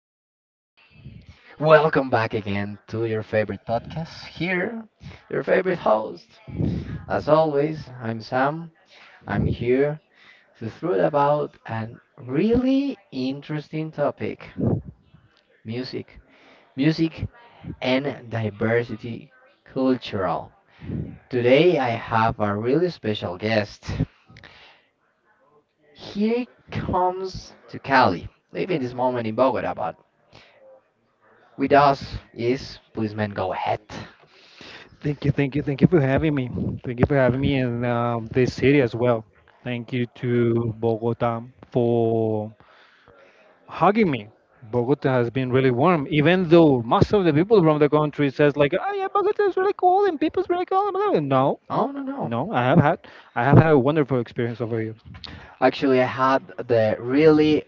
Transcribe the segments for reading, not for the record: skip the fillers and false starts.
dear people, welcome back again to your favorite podcast. Here, your favorite host. As always, I'm Sam. I'm here to throw about a really interesting topic music. Music and diversity cultural. Today, I have a really special guest. He comes to Cali, living this moment in Bogota, but with us is Policeman Go Ahead. Thank you, thank you, thank you for having me. Thank you for having me in this city as well. Thank you to Bogota for hugging me. Bogota has been really warm, even though most of the people from the country says like, "Oh yeah, Bogota is really cool and people's really cool, blah, blah." No, Oh, no, no. no, I have had a wonderful experience over here. Actually, I had the really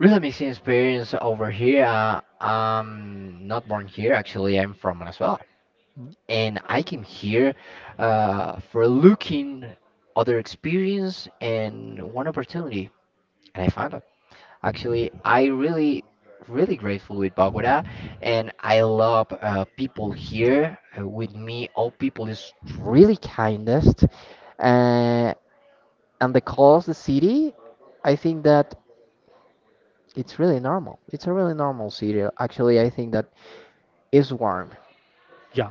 really amazing experience over here. I'm not born here. Actually, I'm from Venezuela, and I came here for looking other experience and one opportunity, and I found it. Actually, I really really grateful with Bogota, and I love people here with me. All people is really kindest. Uh, and the cost, the city, I think that it's really normal. It's a really normal city. Actually, I think that it's warm. Yeah,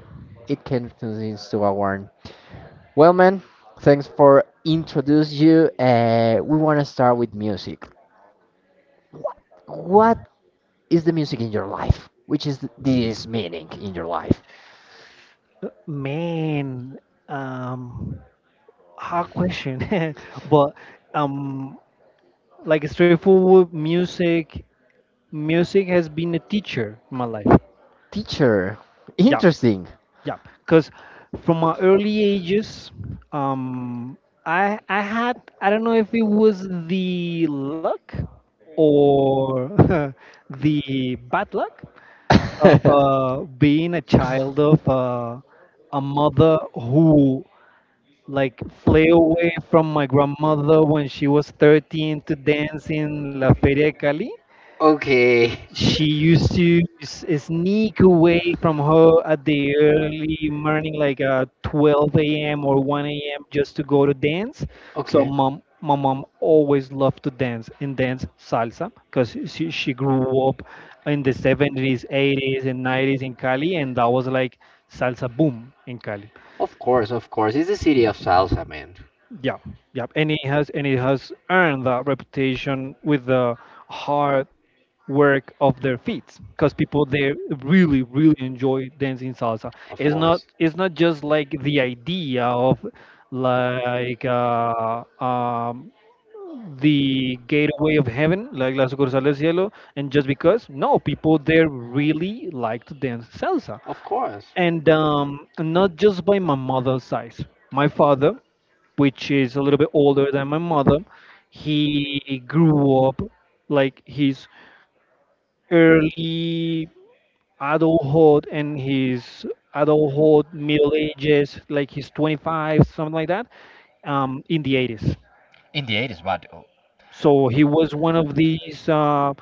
It can convince to a warm. Well, man, thanks for introduce you. We want to start with music. What, what is the music in your life? Which is this meaning in your life? man, um, hard question, but um, like straightforward music has been a teacher in my life. Teacher, Yeah, interesting. yeah. Because from my early ages, um, I don't know if it was the luck or the bad luck of being a child of a mother who like fled away from my grandmother when she was 13 to dance in La Feria de Cali. Okay, She used to sneak away from her at the early morning, like 12 a.m. or 1 a.m., just to go to dance. So okay. my mom always loved to dance and dance salsa because she grew up in the 70s, 80s, and 90s in Cali, and that was like salsa boom in Cali. Of course, of course. It's the city of salsa, man. Yeah, yeah, and it has earned that reputation with the hard work of their feet, because people there really, really enjoy dancing salsa. Of It's not course, it's not just like the idea of like the gateway of heaven, like La Sucursal del Cielo, and just because no, people there really like to dance salsa, of course. and not just by my mother's side. My father, which is a little bit older than my mother, he grew up like his early adulthood and his adulthood, middle ages, like his 25, something like that, in the 80s. In the 80s, but So he was one of these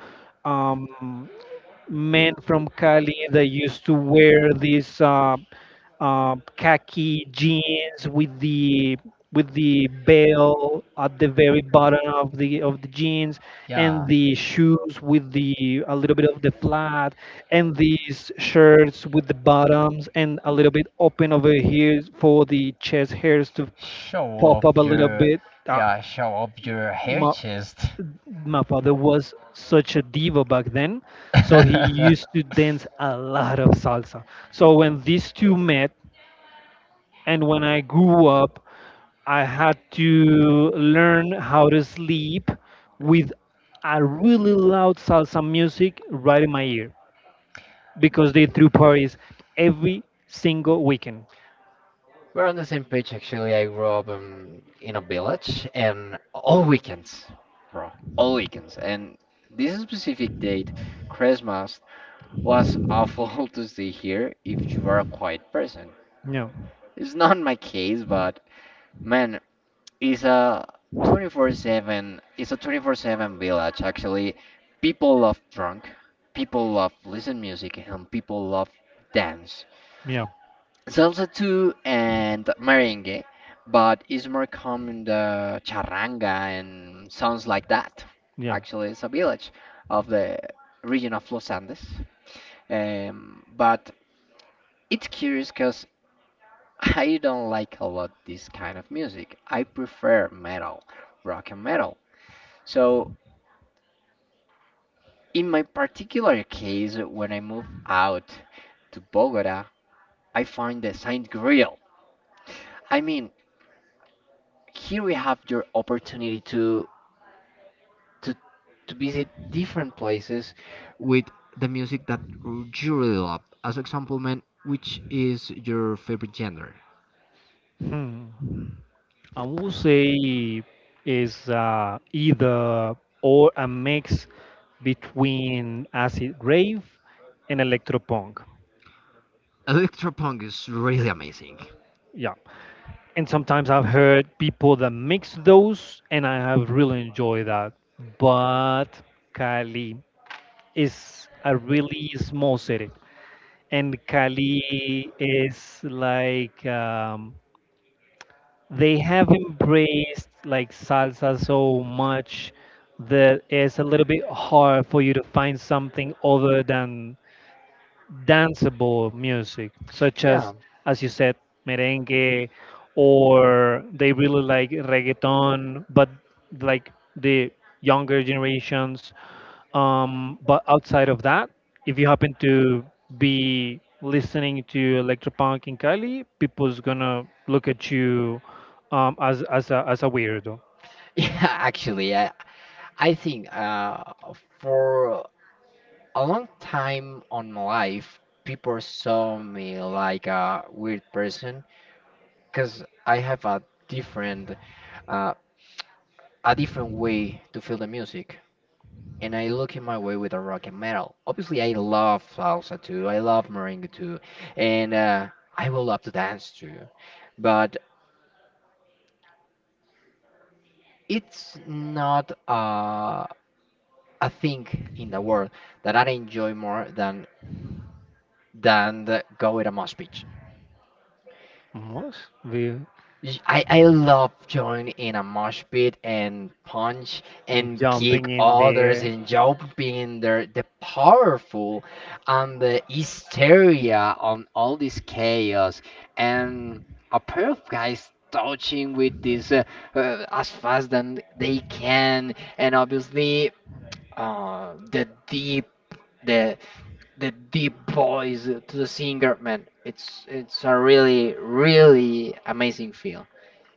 um, men from Cali that used to wear these khaki jeans with the bell at the very bottom of the jeans, and yeah, the shoes with the a little bit of the flat and these shirts with the bottoms and a little bit open over here for the chest hairs to show pop up a off little your, bit. Uh, yeah, show off your hair mo- chest. my father was such a diva back then, so he used to dance a lot of salsa. So when these two met, and when I grew up, I had to learn how to sleep with a really loud salsa music right in my ear because they threw parties every single weekend. We're on the same page actually. I grew up in a village and all weekends, bro, all weekends. And this specific date, Christmas, was awful to stay here if you are a quiet person. Yeah, It's not my case, but man, it's a 24/7, it's a 24/7 village actually. People love drunk, people love listen music, and people love dance. yeah, Salsa too and merengue, but it's more common the charanga and sounds like that. yeah. Actually, it's a village of the region of Los Andes. But it's curious because I don't like a lot this kind of music. I prefer metal, rock and metal. So in my particular case, when I moved out to Bogota, I find the sign grill. I mean, here we have your opportunity to, to visit different places with the music that you really love. As example, man, which is your favorite genre? Hmm. I would say is either or a mix between acid rave and electropunk. Electropunk is really amazing. Yeah. And sometimes I've heard people that mix those, and I have really enjoyed that. But Cali is a really small city, and Cali is like they have embraced like salsa so much that it's a little bit hard for you to find something other than danceable music, such Yeah, as you said, merengue, or they really like reggaeton, but like the younger generations. But outside of that, if you happen to be listening to electropunk in Cali, people's gonna look at you, as a weirdo. yeah. Actually, I think for a long time on my life, people saw me like a weird person because I have different, uh, a different way to feel the music, and I look in my way with a rock and metal. Obviously, I love salsa too. I love merengue too, and I will love to dance too, but it's not a thing in the world that I enjoy more than the go with a mosh pit. What? We I love joining in a mosh pit and punch and jumping kick in others there. and jumping there the powerful and the hysteria on all this chaos and a pair of guys touching with this as fast as they can and obviously the deep the the deep voice to the singer man it's a really really amazing feel.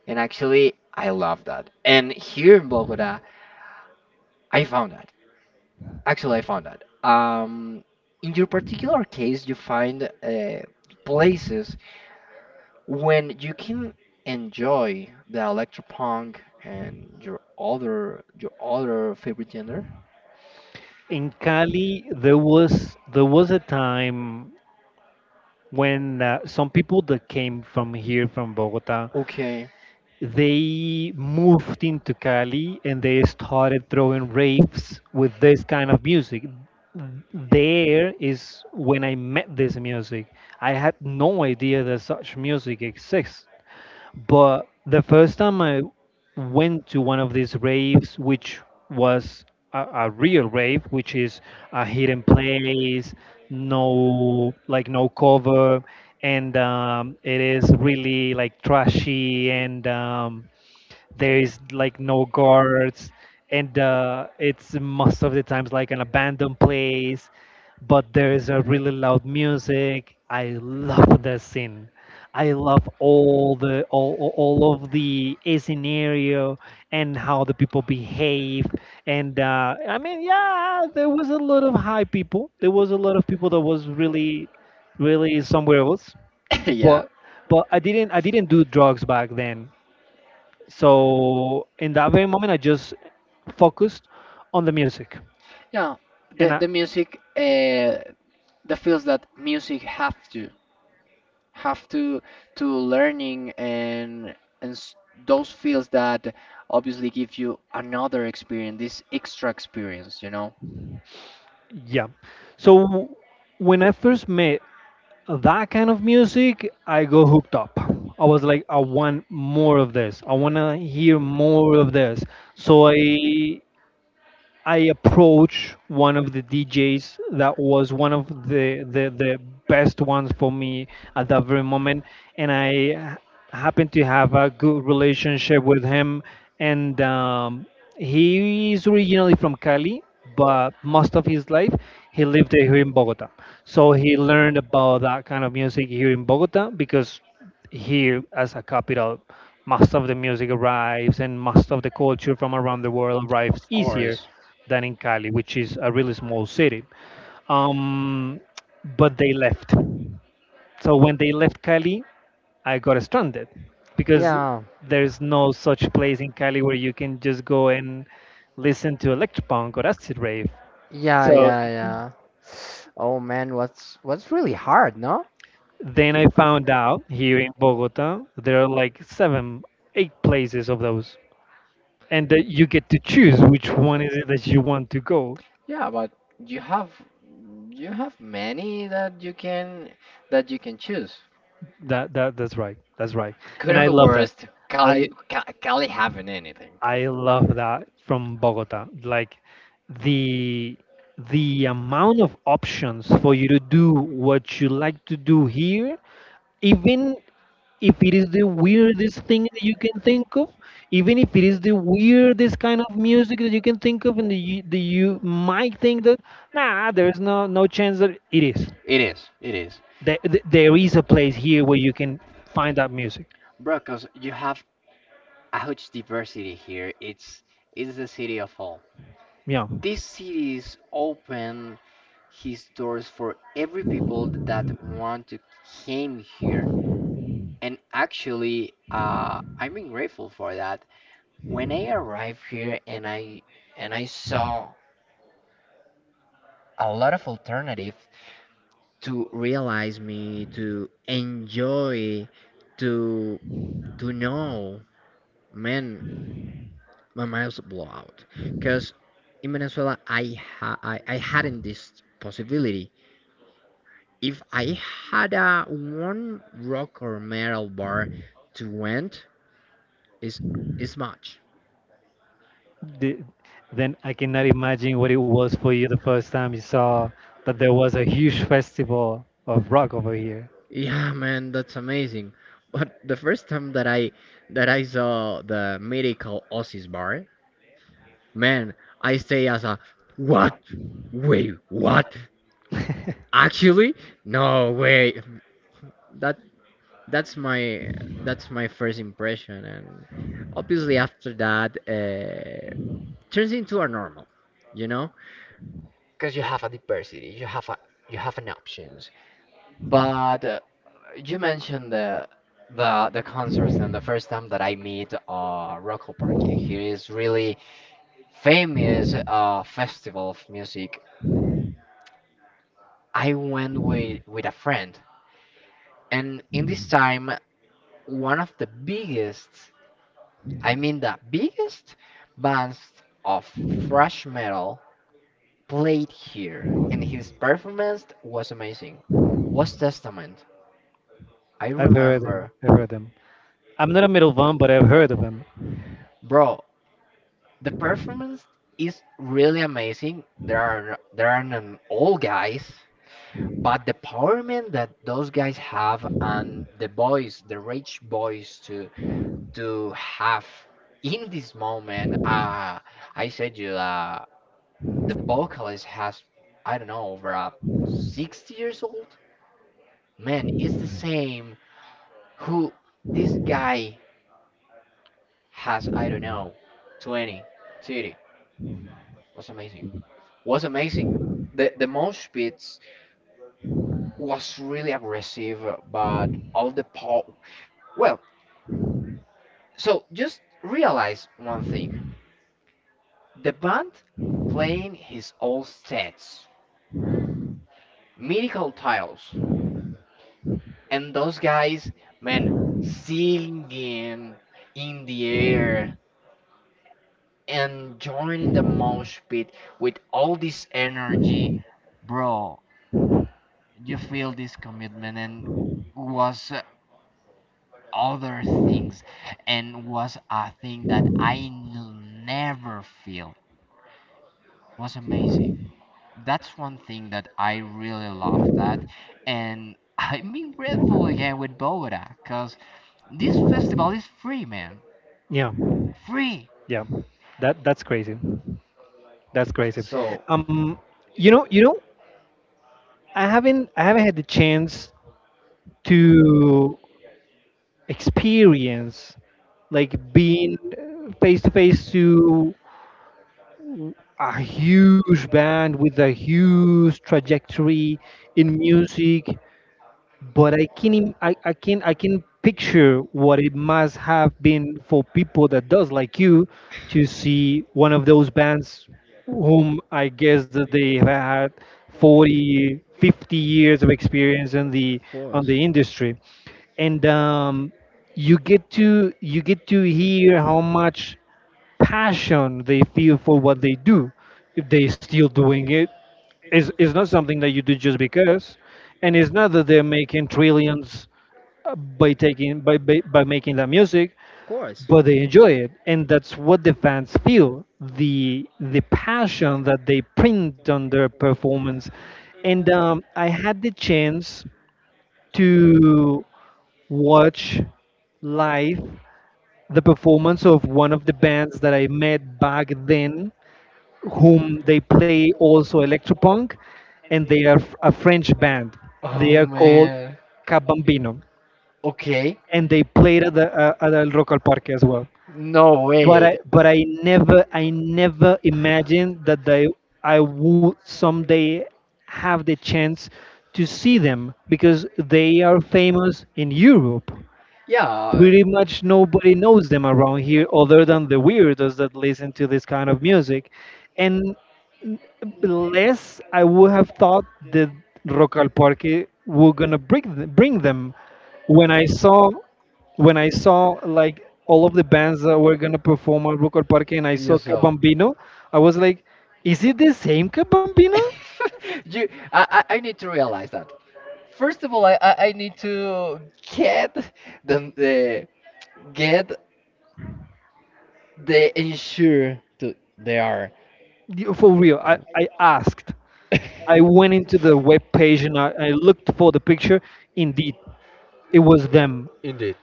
And actually, I love that. And here in Bogota, I found that. Actually, I found that. In your particular case, you find places when you can enjoy the electropunk and your other favorite genre. In Cali, there was a time when some people that came from here from Bogota, Okay. they moved into Cali, and they started throwing raves with this kind of music. There is when I met this music. I had no idea that such music exists, but the first time I went to one of these raves, which was a real rave, which is a hidden place, no like no cover, and it is really like trashy, and there is like no guards, and it's most of the times like an abandoned place, but there is a really loud music. I love the scene. I love all of the scenario and how the people behave. And I mean, yeah, there was a lot of high people, there was a lot of people that was really really somewhere else, Yeah. but I didn't do drugs back then, so in that very moment, I just focused on the music. Yeah. And I, The music the feels that music have to have to to learning and and s- those fields that obviously give you another experience, this extra experience, you know? yeah. So when I first met that kind of music, I go hooked up. I was like, I want more of this. I want to hear more of this. So I approach one of the DJs that was one of the best ones for me at that very moment, and I happened to have a good relationship with him, and he is originally from Cali, but most of his life he lived here in Bogota. So he learned about that kind of music here in Bogota because here, as a capital, most of the music arrives and most of the culture from around the world arrives Of easier course. than in Cali, which is a really small city. Um, but they left. So when they left Cali, I got stranded because Yeah, there's no such place in Cali where you can just go and listen to electropunk or acid rave. yeah, So yeah, yeah. Oh man, what's really hard, no? then I found out here in Bogota there are like seven, eight places of those, and that you get to choose which one is it that you want to go. Yeah, but you have you have many that you can choose. That's right. That's right. And Couldn't I be love that. worse. I Cali, Cali haven't anything. I love that from Bogota. Like the the amount of options for you to do what you like to do here, even if it is the weirdest thing that you can think of, even if it is the weirdest kind of music that you can think of, and that you might think that nah, there's no chance that it is. It is, There is a place here where you can find that music. bro. Cause you have a huge diversity here. It's the city of all. Yeah. These cities open his doors for every people that want to came here. And actually, I'm being grateful for that. When I arrived here and I saw a lot of alternative to realize me, to enjoy, to to know, man, my miles blow out. Because in Venezuela, I, ha- I hadn't this possibility. If I had a one rock or metal bar to went, is is much. The, then I cannot imagine what it was for you the first time you saw that there was a huge festival of rock over here. Yeah, man, that's amazing. But the first time that I saw the medical Aussies bar, man, I stay as a what? Wait, what? I've Actually, no way. That that's my that's my first impression and obviously after that turns into a normal you know because you have a diversity you have an options but you mentioned the the concerts and the first time that I meet Rocco Parky here is really famous festival of music. I went with a friend and in this time one of the biggest, I mean the biggest bands of thrash metal played here, and his performance was amazing. Was Testament. I heard them. remember, I've heard them. I'm not a metal fan, but I've heard of them. bro. The performance is really amazing. There are an old guys, but the empowerment that those guys have and the voice, the rage voice to have in this moment. I said you. The vocalist has I don't know over 60 years old. Man, it's the same who this guy has I don't know 20, 30. Was amazing. Was amazing. The mosh pits was really aggressive, but all the pop. Well, so just realize one thing: the band playing his old sets, mythical titles, and those guys, man, singing in the air and joining the mosh pit with all this energy, bro, you feel this commitment and was other things and was a thing that never feel was amazing. That's one thing that I really love that. And I'm being grateful again with Bogota because this festival is free, man. Yeah, Free. yeah. That's crazy. That's crazy. So, Um, you know, you know, I haven't had the chance to experience like being face to face to a huge band with a huge trajectory in music, but I can im- I can picture what it must have been for people that does like you to see one of those bands whom I guess that they have had of 40, 50 years of experience in the on course, the industry. And you get to hear how much passion they feel for what they do. If they still doing it, is not something that you do just because, and it's not that they're making trillions by taking by making that music, of course, but they enjoy it, and that's what the fans feel, the passion that they print on their performance. And I had the chance to watch live the performance of one of the bands that I met back then whom they play also electropunk, and they are a French band. They oh are called man, Cabambino, okay, and they played at the at El Rock al Parque as well. no But wait, I but I never I never imagined that they I would someday have the chance to see them because they are famous in Europe. yeah, Pretty much nobody knows them around here other than the weirdos that listen to this kind of music. And n- less I would have thought that Rock al Parque were gonna bring bring them. When I saw when I saw like all of the bands that were gonna perform at Rock al Parque and I you saw saw. Cabambino, I was like, is it the same Cabambino? You, I need to realize that. First of all, I need to get the get the ensure to they are For real, I asked. I went into the web page, and I looked for the picture. Indeed, it was them. indeed.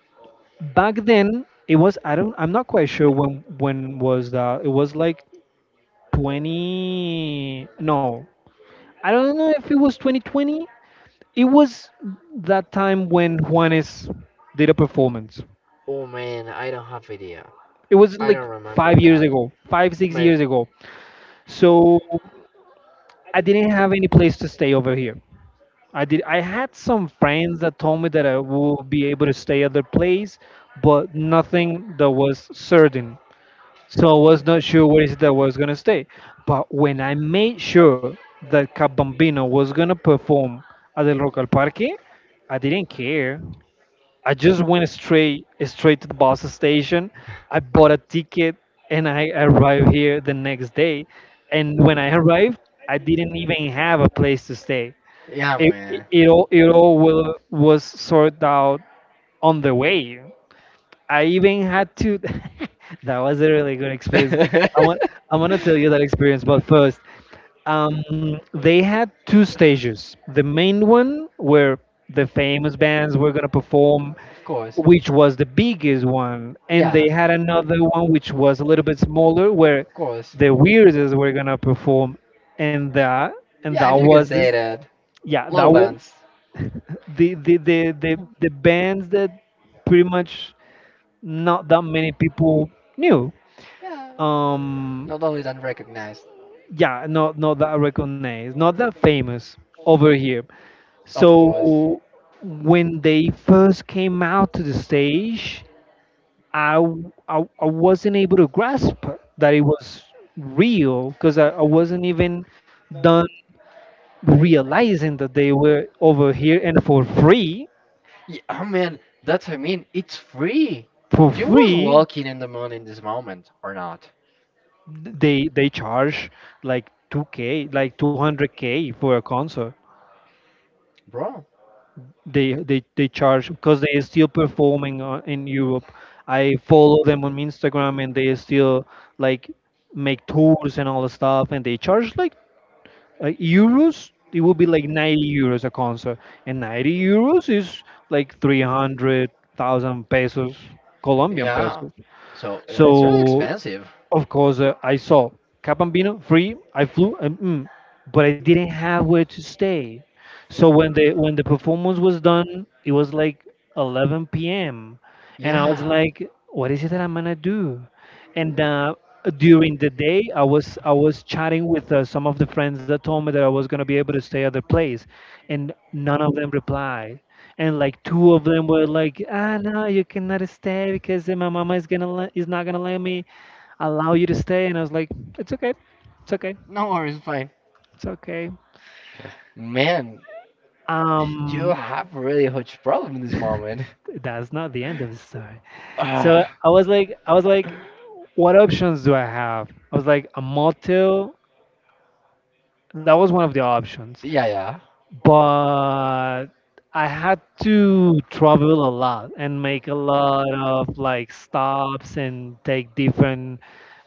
Back then it was, I'm not quite sure when was that. It was like 20, no, I don't know if it was 2020. It was that time when Juanes did a performance. Oh man, I don't have idea. It was I like don't remember 5 years that. ago, five six My years ago. So I didn't have any place to stay over here. I had some friends that told me that I would be able to stay at their place, but nothing that was certain. So I was not sure where is it that I was gonna stay. But when I made sure that Cap Bambino was gonna perform at the local parque, I didn't care. I just went straight to the bus station. I bought a ticket and I arrived here the next day. And when I arrived, I didn't even have a place to stay. yeah It, it, man. it all it all will, was sorted out on the way. I even had to. That was a really good experience. I want I want to tell you that experience, but first, um, they had two stages. The main one where the famous bands were gonna perform, Of course. which was the biggest one, and Yeah, they had another one which was a little bit smaller where of course. the weirdest were gonna perform, and that and Yeah, that if you can was this. say that. Yeah, Low that was bands. the bands that pretty much not that many people knew. Yeah. Um, Not only than recognized. yeah, not that recognized, not that famous over here. Of course. So when they first came out to the stage, I wasn't able to grasp that it was real because I wasn't even done realizing that they were over here and for free, Yeah, I mean, that's what I mean. It's free. for You was free. walking in the moon in this moment or not, They charge like 2K, like 200K for a concert. bro? They charge because they are still performing in Europe. I follow them on Instagram, and they still like make tours and all the stuff, and they charge like euros. It would be like €90 a concert, and €90 is like 300,000 pesos, Colombian Yeah. pesos. So it's really So expensive. of course, I saw Capambino free. I flew, and, but I didn't have where to stay. So when the performance was done, it was like 11 p.m. And I was Yeah. like, "What is it that I'm gonna do?" And during the day, I was chatting with some of the friends that told me that I was gonna be able to stay at their place, and none of them replied. And like two of them were like, "Ah, no, you cannot stay because my mama is gonna is not gonna let me." Allow you to stay, and I was like, it's okay, it's okay, No worries, fine. it's okay. Man, you um have really huge problem in this moment. that's not the end of the story. So Ah. I was like, what options do I have? I was like, a motel. That was one of the options. Yeah, yeah. But I had to travel a lot and make a lot of like stops and take different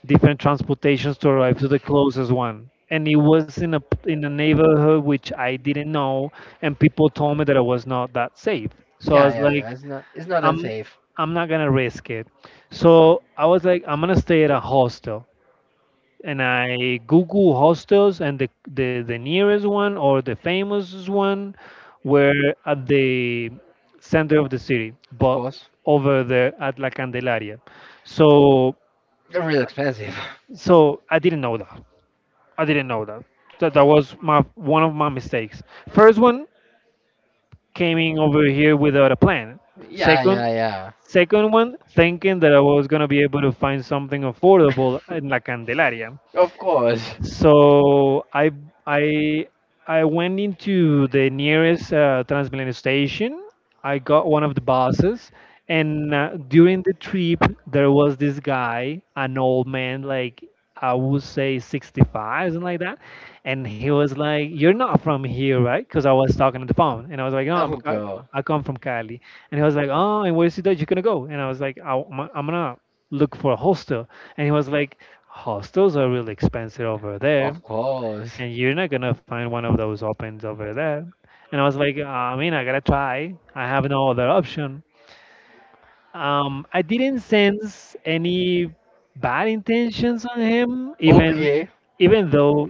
different transportations to arrive to the closest one. And it was in a neighborhood which I didn't know, and people told me that it was not that safe. So I Yeah, was yeah, yeah. like, It's not I'm unsafe. I'm not gonna risk it. So I was like, I'm gonna stay at a hostel. And I Google hostels, and the nearest one or the famous one were at the center of the city, Of but course. over there at La Candelaria. So Real expensive. so I didn't know that. I didn't know that. So that was my one of my mistakes. First one, coming over here without a plan. Yeah, Second, yeah, yeah. One thinking that I was gonna be able to find something affordable in La Candelaria. Of course. So I I went into the nearest Transmilenio station. I got one of the buses, and during the trip there was this guy, an old man, like I would say 65, something like that. And he was like, "You're not from here, right?" Because I was talking on the phone, and I was like, "No, I'm, Oh, I go. I come from Cali." And he was like, "Oh, and where is it that you're gonna go?" And I was like, I, am I'm gonna look for a hostel." And he was like, hostels are really expensive over there, Of course. and you're not gonna find one of those opens over there. And I was like, I mean, I gotta try. I have no other option. I didn't sense any bad intentions on him, even Okay. even though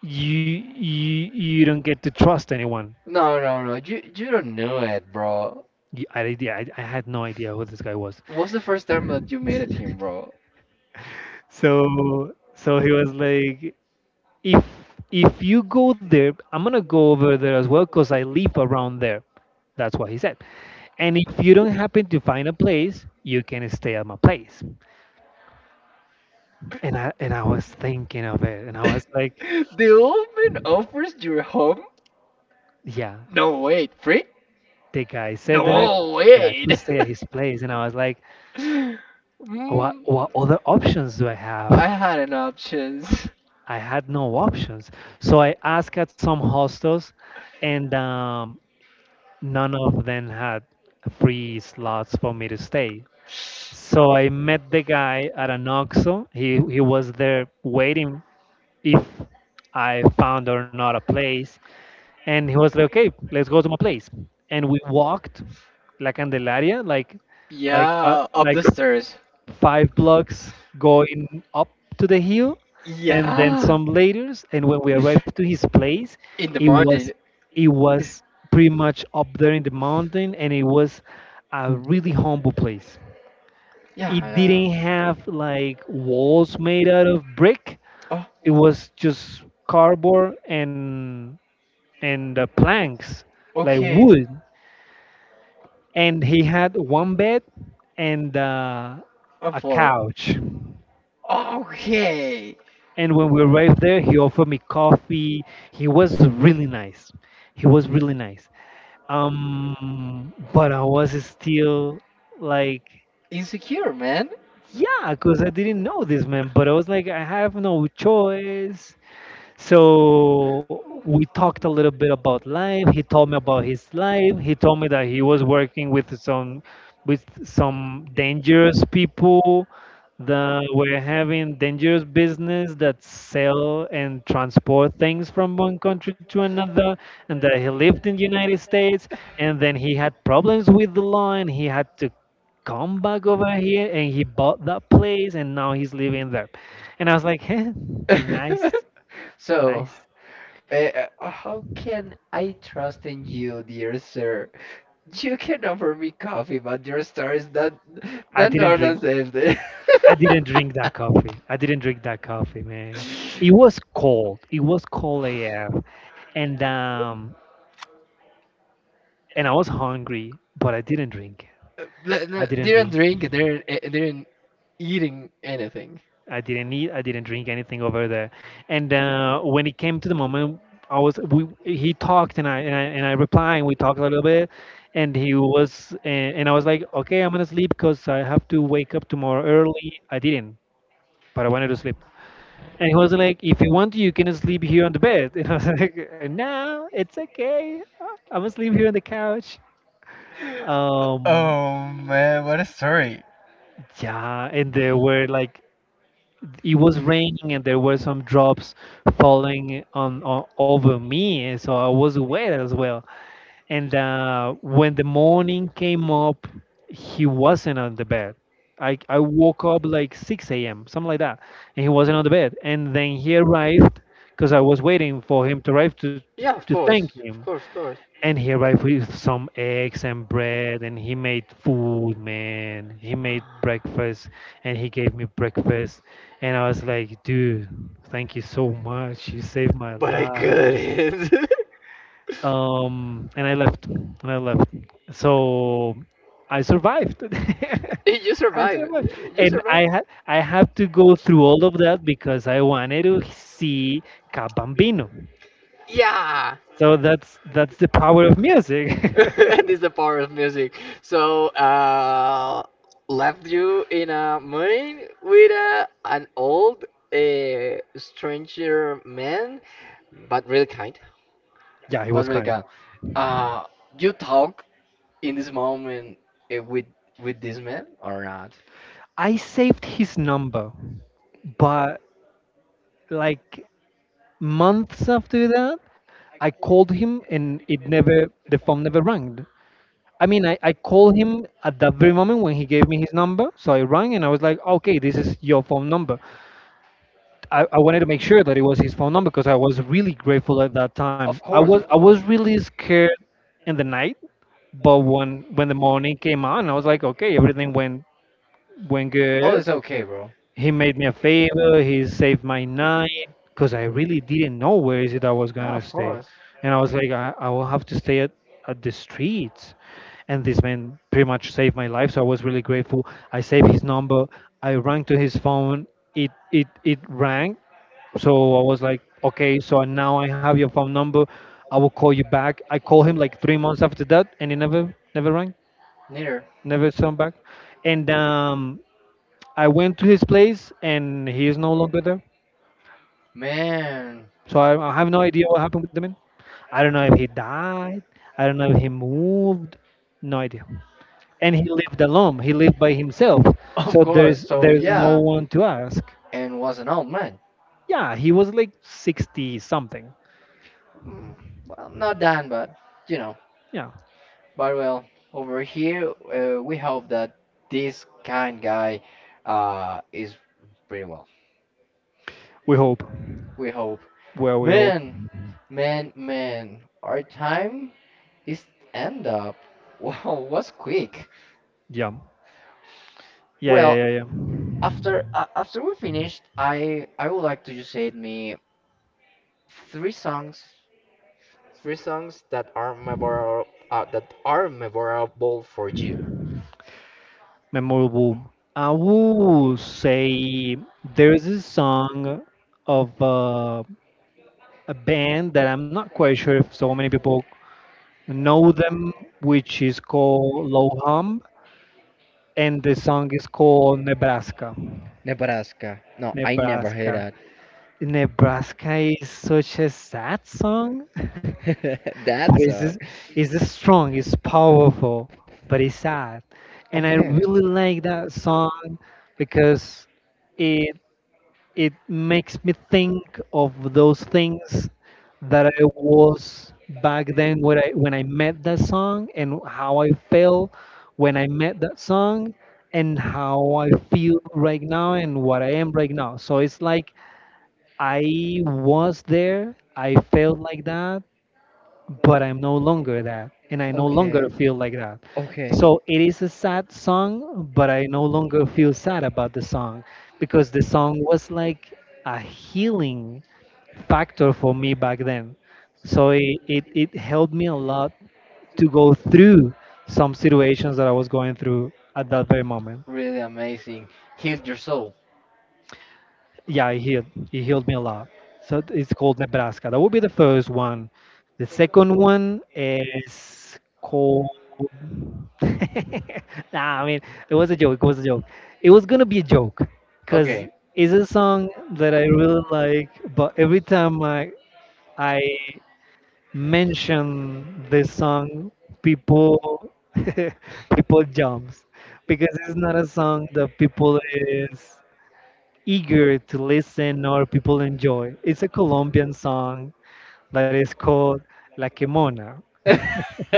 you don't get to trust anyone. No, no, no. You don't know it, bro. Yeah, I had no idea who this guy was. What's the first time that you met at him, bro? So he was like, if if you go there, I'm gonna go over there as well because I live around there. That's what he said. And if you don't happen to find a place, you can stay at my place. And I was thinking of it, and I was like, The old man offers your home? yeah, No, wait. Free? the guy said that i No, that i could wait. stay at his place. And I was like, what Mm, what other options do I have? I had an options. I had no options. So I asked at some hostels, and none of them had free slots for me to stay. So I met the guy at an OXXO. He was there waiting if I found or not a place. And he was like, "Okay, let's go to my place." And we walked La Candelaria, like like uh, Yeah, up like the stairs. five blocks going up to the hill, and then Yeah. some later. And when we arrived to his place, In the it was morning. it was pretty much up there in the mountain, and it was a really humble place. Yeah, yeah, It yeah. didn't have like walls made out of brick. Oh, It was just cardboard and planks, like okay. wood. And he had one bed, and I'm a four. couch. Okay. And when we arrived there, he offered me coffee. He was really nice. He was really nice. But I was still like, Insecure, man. yeah, because I didn't know this man. But I was like, I have no choice. So Oh. we talked a little bit about life. He told me about his life. He told me that he was working with some dangerous people that were having dangerous business, that sell and transport things from one country to another, and that he lived in the United States, and then he had problems with the law, and he had to come back over here, and he bought that place, and now he's living there. And I was like, "Heh, nice. So, Nice." uh, how can I trust in you, dear sir? You can offer me coffee, but your star is not, I not didn't northern drink. safety. I didn't drink that coffee. I didn't drink that coffee, man. It was cold. It was cold AF. And and I was hungry, but I didn't drink it. th- I didn't they didn't drink. drink, they didn't, eh, they didn't eating anything. I didn't eat. I didn't drink anything over there. And when it came to the moment, I was we he talked, and I replied. And we talked a little bit, and and I was like, okay, I'm gonna sleep because I have to wake up tomorrow early. I didn't, but I wanted to sleep. And he was like, if you want, you can sleep here on the bed. And I was like, no, it's okay. I'm gonna sleep here on the couch. Um, Oh man, what a story. yeah, and there were like, it was raining, and there were some drops falling on over me. And so I was wet as well. And when the morning came up, he wasn't on the bed. I woke up like 6 a.m., something like that, and he wasn't on the bed. And then he arrived because I was waiting for him to arrive Yeah, of to thank course, him. of course, of course. And he arrived with some eggs and bread, and he made food, man. He made breakfast, and he gave me breakfast. And I was like, dude, thank you so much. You saved my But I life. couldn't. And I left. And I left. So I survived. You I survive. survived. You And i survive. had i had to go through all of that because I wanted to see Cabambino. Yeah. So that's the power of music. This is the power of music. So, left you in a mine with a, an old, a stranger man, but really kind, Yeah, he was but really kind. kind. Uh, you talk in this moment with this man or not? I saved his number, but like months after that, I called him, and it never the phone never rang. I mean, I called him at that very moment when he gave me his number. So I rang, and I was like, okay, this is your phone number. I wanted to make sure that it was his phone number because I was really grateful at that time. Of I was course, I of was course. really scared in the night. But when the morning came on, I was like, okay, everything went went Oh, good. it's okay, bro. He made me a favor. He saved my night because I really didn't know where is it I was gonna Yeah, of stay. course. And I was like, I will have to stay at the streets, and this man pretty much saved my life. So I was really grateful. I saved his number. I rang to his phone. It rang. So I was like, okay, so now I have your phone number. I will call you back. I called him like 3 months after that, and he never rang, Neither. never sent back. And I went to his place, and he is no longer there. Man. So I have no idea what happened with the man. I don't know if he died. I don't know if he moved. No idea. And he lived alone. He lived by himself. Of So course. there's So, there's no yeah. one to ask. And was an old man. Yeah, he was like 60 something. Mm, well, not done, but, you know. Yeah. But, well, over here, we hope that this kind guy is pretty well. We hope. We hope. Well, we hope. Man, man, man. Our time this end up wow was quick. Yeah. Yeah, yeah, Well, yeah, yeah. after after we finished, I would like to just say me three songs, three songs that are memorable for you. Memorable. I will say there's a song of a band that I'm not quite sure if so many people know them, which is called Loham, and the song is called Nebraska. Nebraska. No, I never heard Nebraska. that. Nebraska is such a sad song, but That it's, just- song. it's just strong, it's powerful, but it's sad. And I Okay. really like that song because it it makes me think of those things that I was back then when I met that song, and how I felt when I met that song, and how I feel right now, and what I am right now. So it's like, I was there, I felt like that, but I'm no longer that, and I no Okay. longer feel like that. Okay. So it is a sad song, but I no longer feel sad about the song because the song was like a healing factor for me back then. So it helped me a lot to go through some situations that I was going through at that very moment. Really amazing. Heal your soul. Yeah, he healed. He healed me a lot. So it's called Nebraska. That would be the first one. The second one is called. Nah, I mean, it was a joke. It was a joke. It was gonna be a joke, cause Okay. it's a song that I really like. But every time I mention this song, people people jumps because it's not a song that people is eager to listen or people enjoy. It's a Colombian song that is called La Quemona.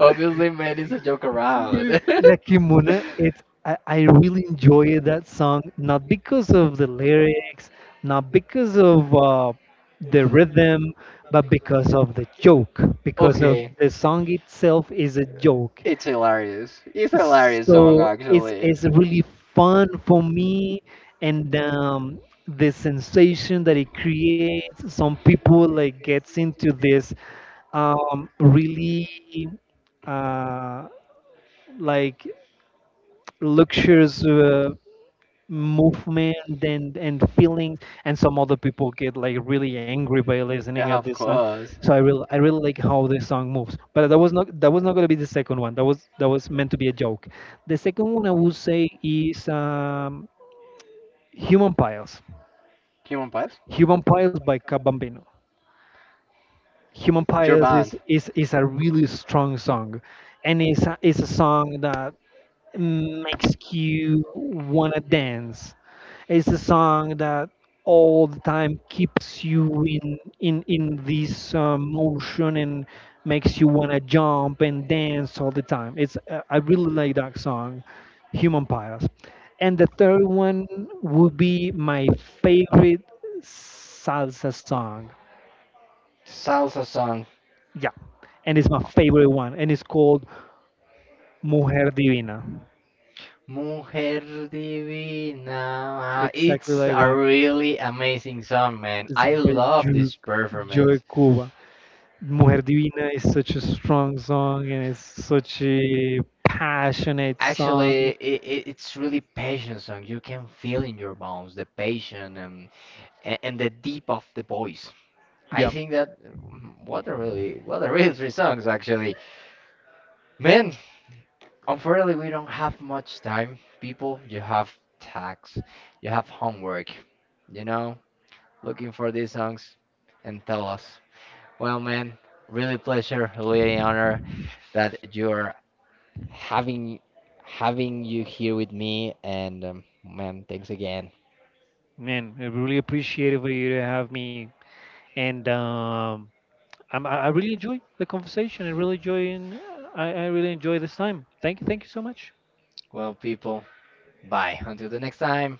Obviously, man, it's a joke Mm, around. La Quemona, it's I really enjoy that song, not because of the lyrics, not because of the rhythm, but because of the joke, because of Okay. the song itself is a joke. It's hilarious. It's a hilarious song, So actually. it's really fun for me. And the sensation that it creates, some people like gets into this really uh, like luxurious movement and feelings, and some other people get like really angry by listening Yeah, at of this song. course. So I really like how this song moves. But that was not, that was not going to be the second one. That was, that was meant to be a joke. The second one I would say is human piles. Human Pass? Human piles by Cap Bambino. Human Your piles is band. is is a really strong song, and it's a song that makes you wanna dance. It's a song that all the time keeps you in this motion, and makes you wanna jump and dance all the time. It's I really like that song, Human Piles. And the third one would be my favorite salsa song. Salsa song. Yeah, and it's my favorite one, and it's called Mujer Divina. Mujer Divina. Exactly It's like a one. really amazing song, man. It's I by love Ju- this Joy performance. Cuba. Mujer Divina is such a strong song, and it's such a passionate Actually, song. It's really passion song. You can feel in your bones the passion and, and the deep of the voice. Yeah, I think that mm, what a really three songs actually. Man, unfortunately, we don't have much time, people. You have tax, you have homework, you know, looking for these songs and tell us. Well, man, really pleasure, really honor that you're having having you here with me and man, thanks again. man, I really appreciate it for you to have me. And I really enjoy the conversation. I really enjoy, and I really enjoy this time. Thank you so much. Well, people, bye. Until the next time.